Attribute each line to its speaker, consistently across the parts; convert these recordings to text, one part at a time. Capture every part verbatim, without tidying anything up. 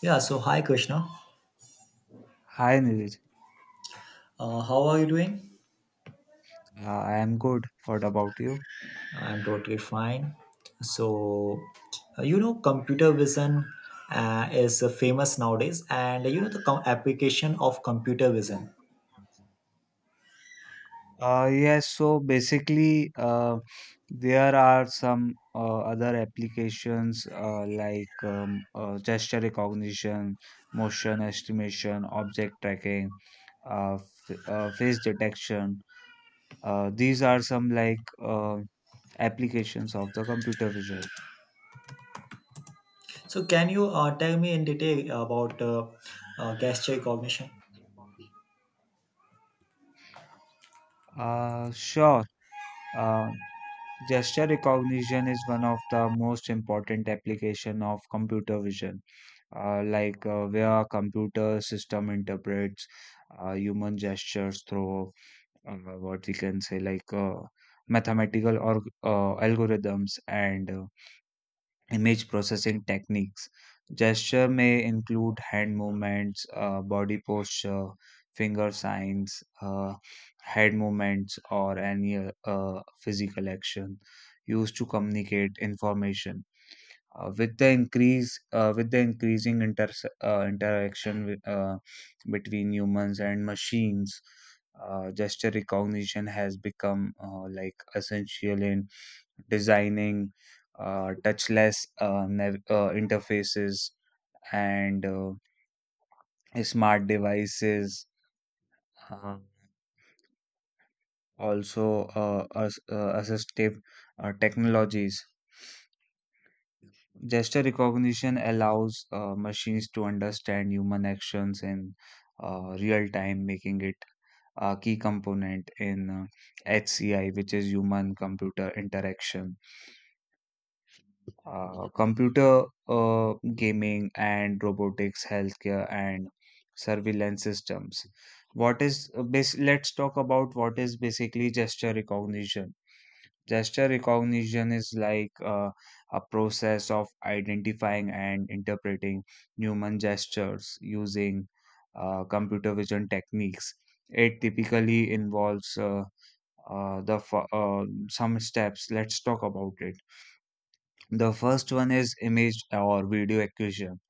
Speaker 1: Yeah, so hi Krishna.
Speaker 2: Hi Niraj,
Speaker 1: Uh, how are you doing?
Speaker 2: uh, I am good. What about you?
Speaker 1: I'm totally fine. So, uh, you know, Computer vision uh, is uh, famous nowadays, and you know, the com- application of computer vision.
Speaker 2: Uh, yes, so basically, uh, there are some uh, other applications uh, like um, uh, gesture recognition, motion estimation, object tracking, uh, f uh, face detection. Uh, these are some like uh, applications of the computer vision.
Speaker 1: So, can you uh, tell me in detail about uh, uh, gesture recognition?
Speaker 2: Uh, sure. Uh, gesture recognition is one of the most important application of computer vision, uh, like uh, where a computer system interprets uh, human gestures through uh, what we can say like uh, mathematical or uh, algorithms and uh, image processing techniques. Gesture may include hand movements, uh, body posture, finger signs, uh, head movements, or any uh, physical action used to communicate information. Uh, with the increase uh, with the increasing inters uh, interaction with, uh, between humans and machines, uh, gesture recognition has become uh, like essential in designing uh, touchless uh, nav- uh, interfaces and uh, smart devices, uh, also uh, ass- uh, assistive uh, technologies. Gesture recognition allows uh, machines to understand human actions in uh, real time, making it a key component in uh, H C I, which is human computer interaction. Uh, computer uh, gaming and robotics, healthcare, and surveillance systems. What is uh, bas- let's talk about what is basically gesture recognition. Gesture recognition is like uh, a process of identifying and interpreting human gestures using uh, computer vision techniques. It typically involves uh, uh, the f- uh, some steps. Let's talk about it. The first one is image or video acquisition.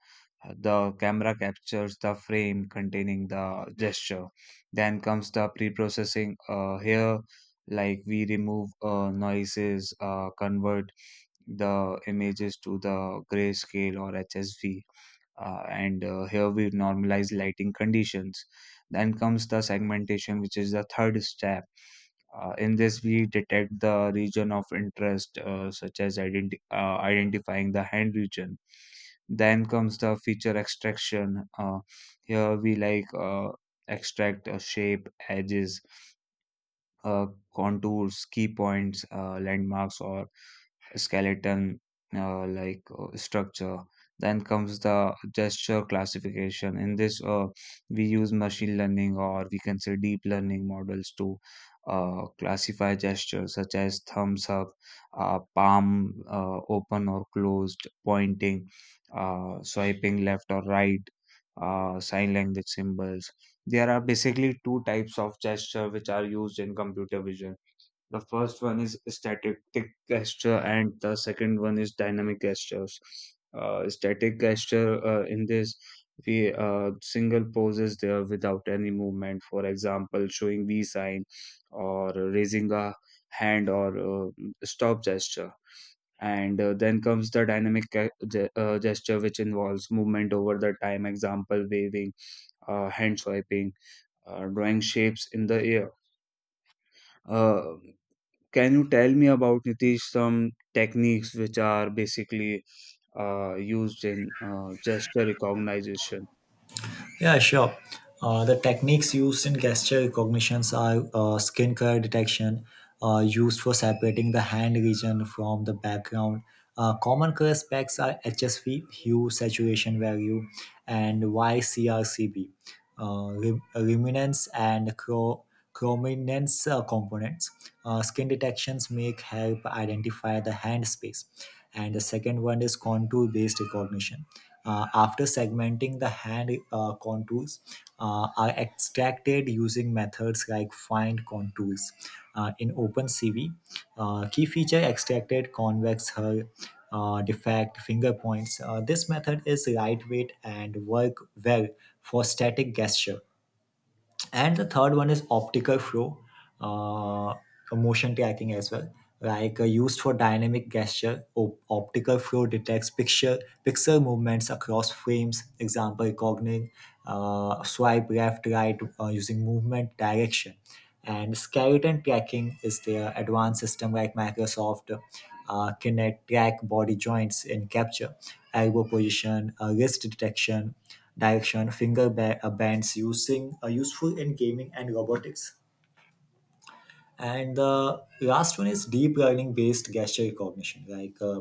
Speaker 2: The camera captures the frame containing the gesture. Then comes the pre-processing. Uh, here, like we remove uh, noises, uh, convert the images to the grayscale or H S V, uh, and uh, here we normalize lighting conditions. Then comes the segmentation, which is the third step. Uh, in this, we detect the region of interest, uh, such as identi- uh, identifying the hand region. Then comes the feature extraction. Uh, here we like uh, extract uh, shape, edges, uh, contours, key points, uh, landmarks, or skeleton uh, like uh, structure. Then comes the gesture classification. In this uh, we use machine learning or we can say deep learning models to uh, classify gestures such as thumbs up, uh, palm uh, open or closed, pointing, uh, swiping left or right, uh, sign language symbols. There are basically two types of gesture which are used in computer vision. The first one is static gesture, and the second one is dynamic gestures. Uh, static gesture, uh, in this, we uh, single poses there without any movement. For example, showing V sign or raising a hand, or uh, stop gesture. And uh, then comes the dynamic ge- ge- uh, gesture, which involves movement over the time. Example, waving, uh, hand swiping, uh, drawing shapes in the air. Uh, can you tell me about Nitish some techniques which are basically uh, used in uh, gesture recognition?
Speaker 1: Yeah, sure. Uh, the techniques used in gesture recognitions are uh, skin color detection, uh, used for separating the hand region from the background. Uh, common color specs are H S V, hue saturation value, and Y C R C B, uh, re- luminance and cro- prominence uh, components. Uh, skin detections make help identify the hand space. And the second one is contour based recognition. Uh, after segmenting the hand uh, contours uh, are extracted using methods like find contours Uh, in OpenCV, uh, key feature extracted convex hull, uh, defect finger points. Uh, this method is lightweight and work well for static gesture. And the third one is optical flow, uh, motion tracking as well, like uh, used for dynamic gesture. Op- optical flow detects picture pixel movements across frames, example recognition, uh, swipe left right uh, using movement direction. And skeleton tracking is their advanced system, like Microsoft uh, Kinect, track body joints in capture elbow position, uh, wrist detection direction, finger ba- uh, bands using are useful in gaming and robotics. And the last one is deep learning based gesture recognition, like uh,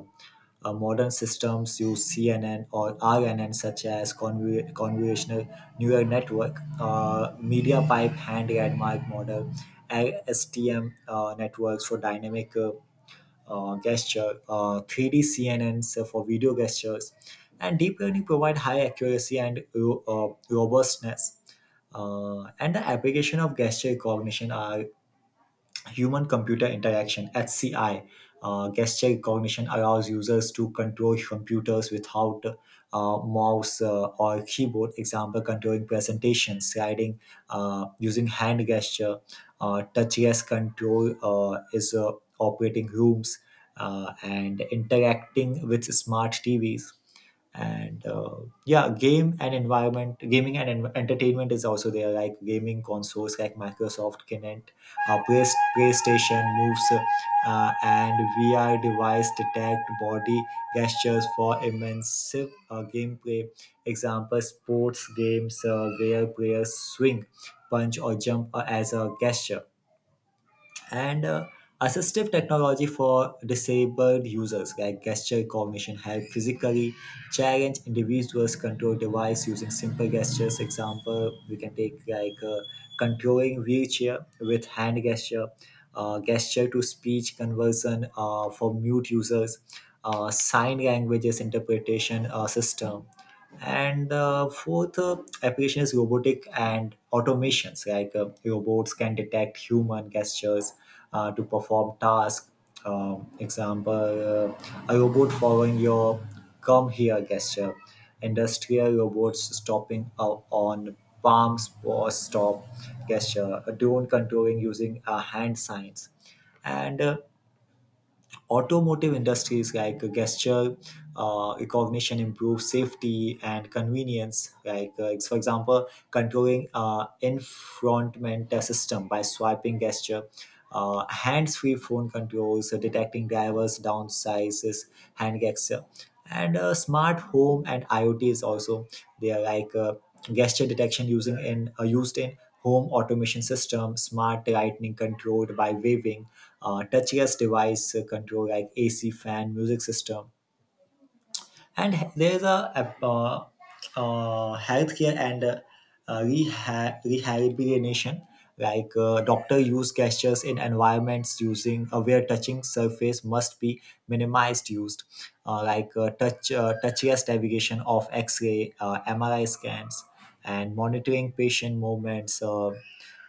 Speaker 1: uh, modern systems use C N N or R N N, such as conv- convolutional neural network, uh, media pipe hand landmark model, L S T M uh, networks for dynamic uh, uh, gesture, uh, three D C N Ns for video gestures, and deep learning provide high accuracy and ro- uh, robustness. Uh, and the application of gesture recognition are human computer interaction H C I. Uh, gesture recognition allows users to control computers without uh, mouse uh, or keyboard. Example: controlling presentations, sliding uh, using hand gesture, uh, touchless control uh, is uh, operating rooms, uh, and interacting with smart T Vs. And uh, yeah, game and environment, gaming and en- entertainment is also there, like gaming consoles like Microsoft Kinect, a play, PlayStation moves, uh, and V R device detect body gestures for immersive uh, gameplay. Example, sports games uh, where players swing, punch or jump uh, as a gesture. And uh, assistive technology for disabled users, like gesture cognition help physically challenge individuals control device using simple gestures. Example we can take, like uh, controlling wheelchair with hand gesture, uh, gesture to speech conversion uh, for mute users, uh, sign languages interpretation uh, system. And uh, fourth uh, application is robotic and automations, like uh, robots can detect human gestures uh, to perform tasks. Um, example, uh, a robot following your come here gesture, industrial robots stopping uh, on palms or stop gesture, a drone controlling using uh, hand signs. And uh, automotive industries, like gesture uh, recognition improve safety and convenience. Like uh, it's- for example, controlling uh, infrontment system by swiping gesture. Uh, hands-free phone controls, uh, detecting drivers' downsizes, hand gesture, and uh, smart home and I o T is also there. Like uh, gesture detection using in uh, used in home automation system, smart lighting controlled by waving, uh, touchless device control, like A C fan, music system, and h- there is a uh, uh, healthcare and uh, uh, reha- rehabilitation, like uh, doctor use gestures in environments using uh, where touching surface must be minimized, used uh, like uh, touch uh, touchless navigation of x-ray uh, M R I scans and monitoring patient movements. uh,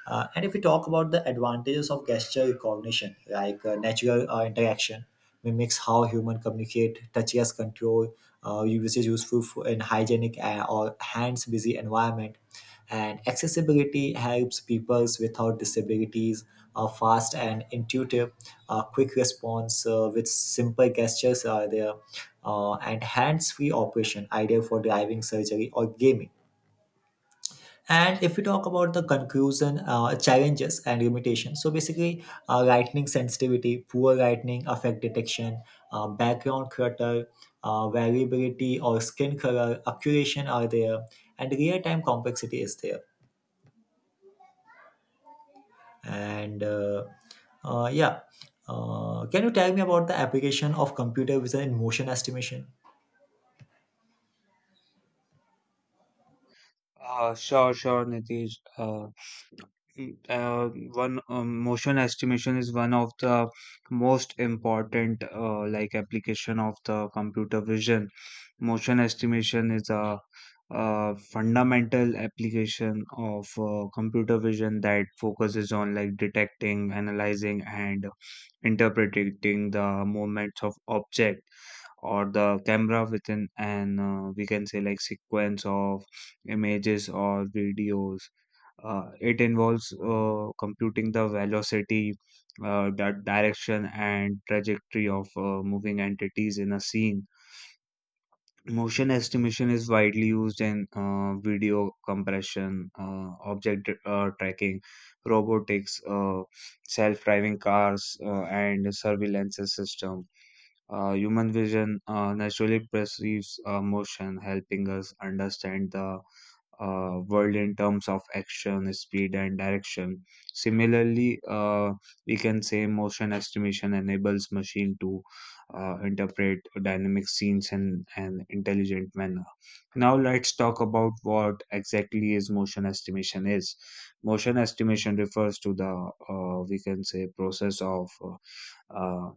Speaker 1: uh, And if we talk about the advantages of gesture recognition, like uh, natural uh, interaction, mimics how human communicate, touch as control, uh, usage useful for, in hygienic uh, or hands busy environment, and accessibility helps people without disabilities, are fast and intuitive, uh, quick response uh, with simple gestures are there, uh, and hands-free operation ideal for driving, surgery, or gaming. And if we talk about the conclusion, uh, challenges and limitations, so basically, uh, lightning sensitivity, poor lightning effect detection, uh, background clutter, uh, variability or skin color, accuracy are there, and real time complexity is there. And uh, uh, Yeah, uh, can you tell me about the application of computer vision in motion estimation?
Speaker 2: Uh, sure, sure, Nitish. Uh, uh, one um, motion estimation is one of the most important uh, like application of the computer vision. Motion estimation is a uh fundamental application of uh, computer vision that focuses on like detecting, analyzing and interpreting the movements of object or the camera within an, uh, we can say, like sequence of images or videos. Uh, it involves uh, computing the velocity, uh, the direction, and trajectory of uh, moving entities in a scene. Motion estimation is widely used in uh, video compression, uh, object uh, tracking, robotics, uh, self-driving cars, uh, and surveillance system. Uh, human vision uh, naturally perceives uh, motion, helping us understand the uh, world in terms of action, speed, and direction. Similarly, uh, we can say motion estimation enables machine to uh, interpret dynamic scenes in an intelligent manner. Now let's talk about what exactly is motion estimation is. Motion estimation refers to the, uh, we can say, process of uh,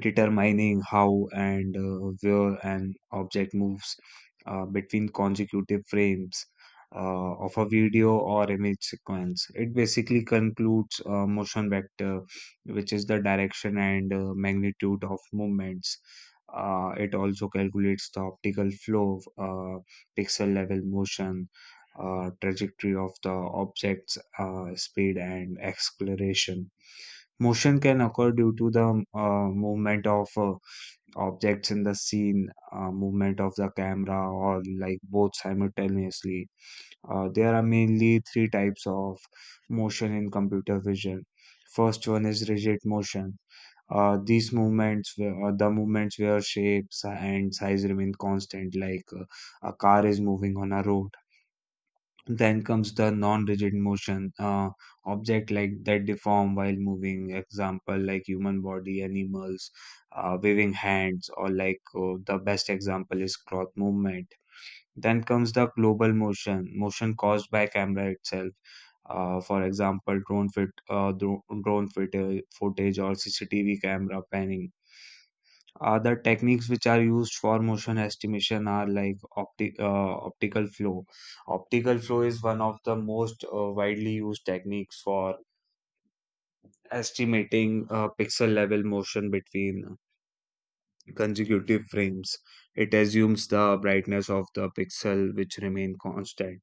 Speaker 2: determining how and uh, where an object moves uh, between consecutive frames uh, of a video or image sequence. It basically concludes a motion vector, which is the direction and uh, magnitude of movements. Uh, it also calculates the optical flow, uh, pixel level motion, uh, trajectory of the object's uh, speed, and acceleration. Motion can occur due to the uh, movement of uh, objects in the scene, uh, movement of the camera, or like both simultaneously. Uh, there are mainly three types of motion in computer vision. First one is rigid motion. Uh, these movements, where- uh, the movements where shapes and size remain constant, like uh, a car is moving on a road. Then comes the non-rigid motion, uh, object like that deform while moving. Example, like human body, animals, uh, waving hands, or like uh, the best example is cloth movement. Then comes the global motion, motion caused by camera itself. Uh, for example, drone fit, uh, dro- drone fit footage or C C T V camera panning. Other techniques which are used for motion estimation are like opti- uh, optical flow. Optical flow is one of the most uh, widely used techniques for estimating uh, pixel level motion between consecutive frames. It assumes the brightness of the pixel which remain constant,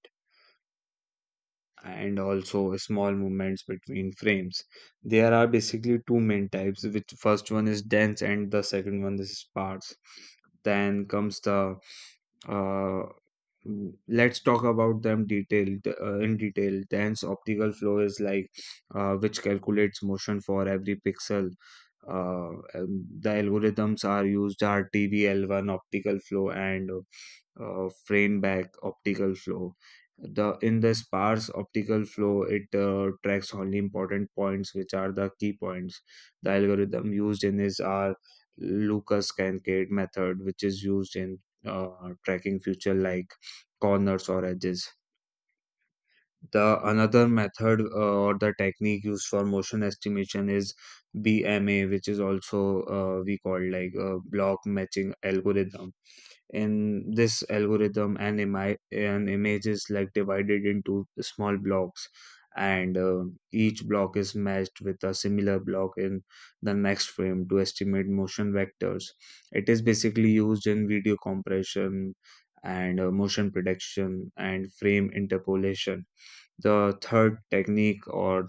Speaker 2: and also small movements between frames. There are basically two main types, which first one is dense and the second one is sparse. Then comes the uh, Mm, let's talk about them detailed uh, in detail. Dense optical flow is like uh, which calculates motion for every pixel. Uh, um, the algorithms are used are t v l one optical flow and uh, frame back optical flow. The in the sparse optical flow, it uh, tracks only important points which are the key points. The algorithm used in is our lucas kankade method, which is used in uh, tracking future like corners or edges. The another method uh, or the technique used for motion estimation is bma, which is also uh, we call like a block matching algorithm. In this algorithm and, imi- an image is like divided into small blocks, and uh, each block is matched with a similar block in the next frame to estimate motion vectors. It is basically used in video compression and uh, motion prediction and frame interpolation. The third technique or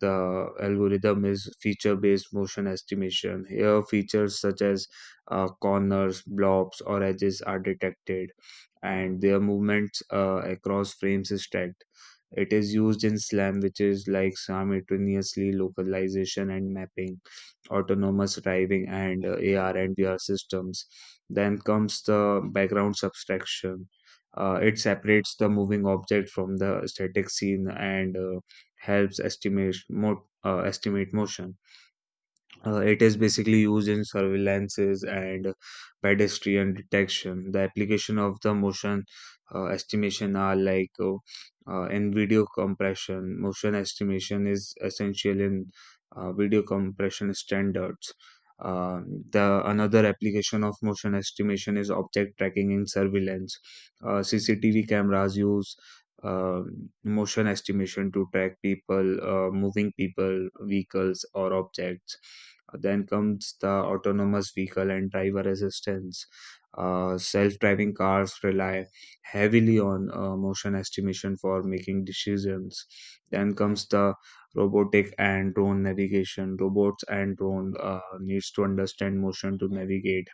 Speaker 2: the algorithm is feature based motion estimation. Here, features such as uh, corners, blobs, or edges are detected, and their movements uh, across frames is tracked. It is used in SLAM, which is like simultaneously localization and mapping, autonomous driving, and uh, A R and V R systems. Then comes the background subtraction. Uh, it separates the moving object from the static scene and uh, helps estimate mo- uh, estimate motion. Uh, it is basically used in surveillances and pedestrian detection. The application of the motion uh, estimation are like, uh, uh, in video compression. Motion estimation is essential in uh, video compression standards. Uh, the another application of motion estimation is object tracking in surveillance. Uh, C C T V cameras use uh, motion estimation to track people, uh, moving people, vehicles, or objects. Uh, then comes the autonomous vehicle and driver assistance. Uh, self-driving cars rely heavily on uh, motion estimation for making decisions. Then comes the robotic and drone navigation. Robots and drone uh, needs to understand motion to navigate.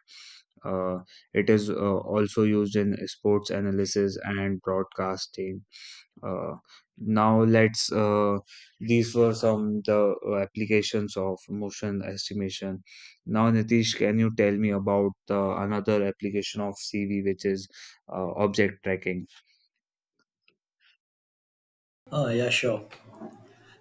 Speaker 2: Uh, it is uh, also used in sports analysis and broadcasting. Uh, now let's uh, these were some the uh, applications of motion estimation. Now, Nitish, can you tell me about the another application of C V, which is uh, object tracking?
Speaker 1: Uh, yeah, sure.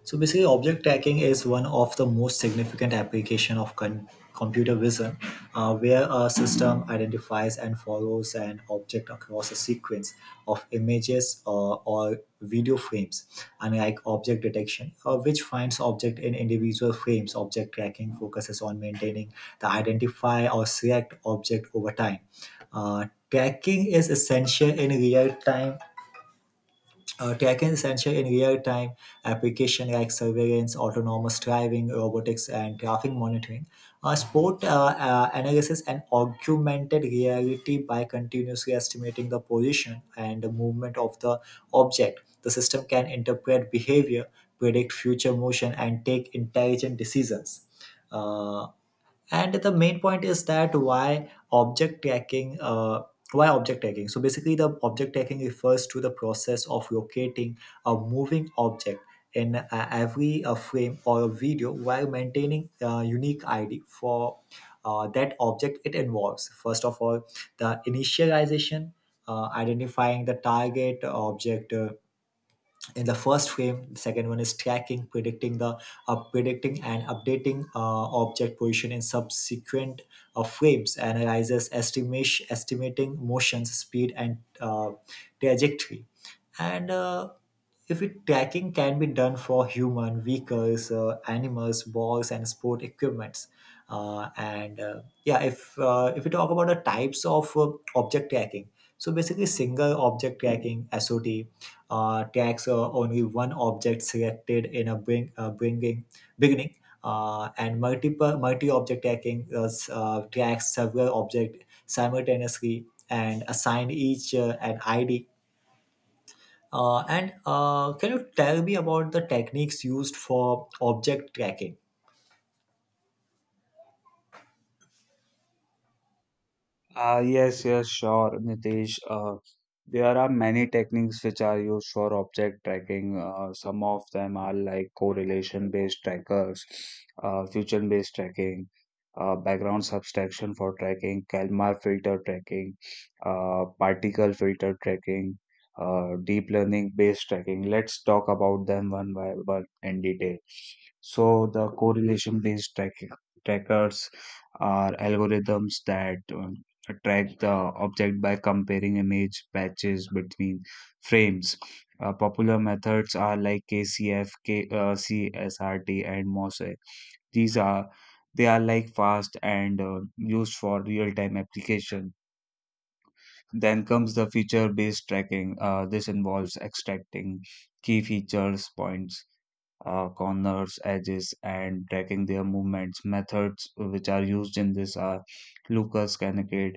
Speaker 1: So basically, object tracking is one of the most significant application of con- computer vision, uh, where a system identifies and follows an object across a sequence of images uh, or video frames, unlike object detection, uh, which finds object in individual frames. Object tracking focuses on maintaining the identify or select object over time. Uh, tracking is essential in real time uh, Tracking is essential in real-time application like surveillance, autonomous driving, robotics, and traffic monitoring. Uh, sport uh, uh, analysis and augmented reality, by continuously estimating the position and the movement of the object. The system can interpret behavior, predict future motion, and take intelligent decisions. Uh, and the main point is that, why object tracking? Uh, why object tracking so basically the object tracking refers to the process of locating a moving object in uh, every uh, frame or a video while maintaining a unique ID for uh, that object. It involves, first of all, the initialization, uh, identifying the target object uh, in the first frame. The second one is tracking, predicting the uh, predicting and updating uh, object position in subsequent uh, frames, analyzes estimation, estimating motions, speed and uh, trajectory. And uh, if it, tracking can be done for human, vehicles, uh, animals, balls and sport equipments. Uh, and uh, Yeah, if uh, if we talk about the types of uh, object tracking, so basically, single object tracking, S O T, uh, tags uh, only one object selected in a bring, uh, bringing beginning, uh, and multiple multi-object tagging uh, s- uh, tags several objects simultaneously and assign each uh, an I D. Uh, and uh, Can you tell me about the techniques used for object tracking?
Speaker 2: Ah, yes, yes, sure, Nitesh. Uh, there are many techniques which are used for object tracking. Uh, some of them are like correlation-based trackers, uh, fusion-based tracking, uh, background subtraction for tracking, Kalmar filter tracking, uh, particle filter tracking, uh, deep learning-based tracking. Let's talk about them one by one in detail. So the correlation-based tracking trackers are algorithms that um, track the object by comparing image patches between frames. Uh, popular methods are like K C F, K, uh, C S R T, and MOSAIC. These are they are like fast and uh, used for real-time application. Then comes the feature-based tracking. Uh, this involves extracting key features, points, uh, corners, edges, and tracking their movements. Methods which are used in this are Lucas Kanakade,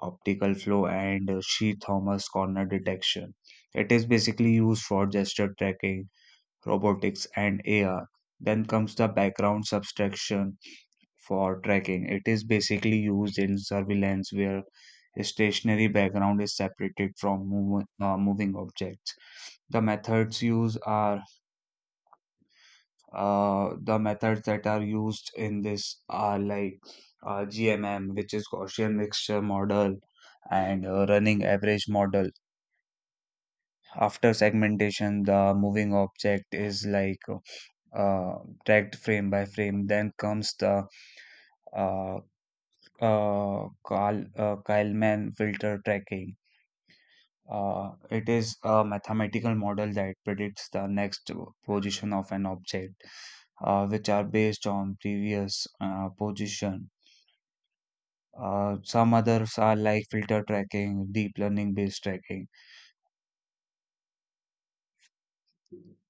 Speaker 2: optical flow, and uh, She Thomas corner detection. It is basically used for gesture tracking, robotics, and A R. Then comes the background subtraction for tracking. It is basically used in surveillance where a stationary background is separated from move, uh, moving objects. The methods used are uh, the methods that are used in this are like uh, G M M, which is Gaussian mixture model, and uh, running average model. After segmentation, the moving object is like uh, tracked frame by frame. Then comes the uh, uh, Kal uh, Kalman filter tracking. Uh, it is a mathematical model that predicts the next position of an object, uh, which are based on previous uh, position. Uh, some others are like filter tracking, deep learning based tracking.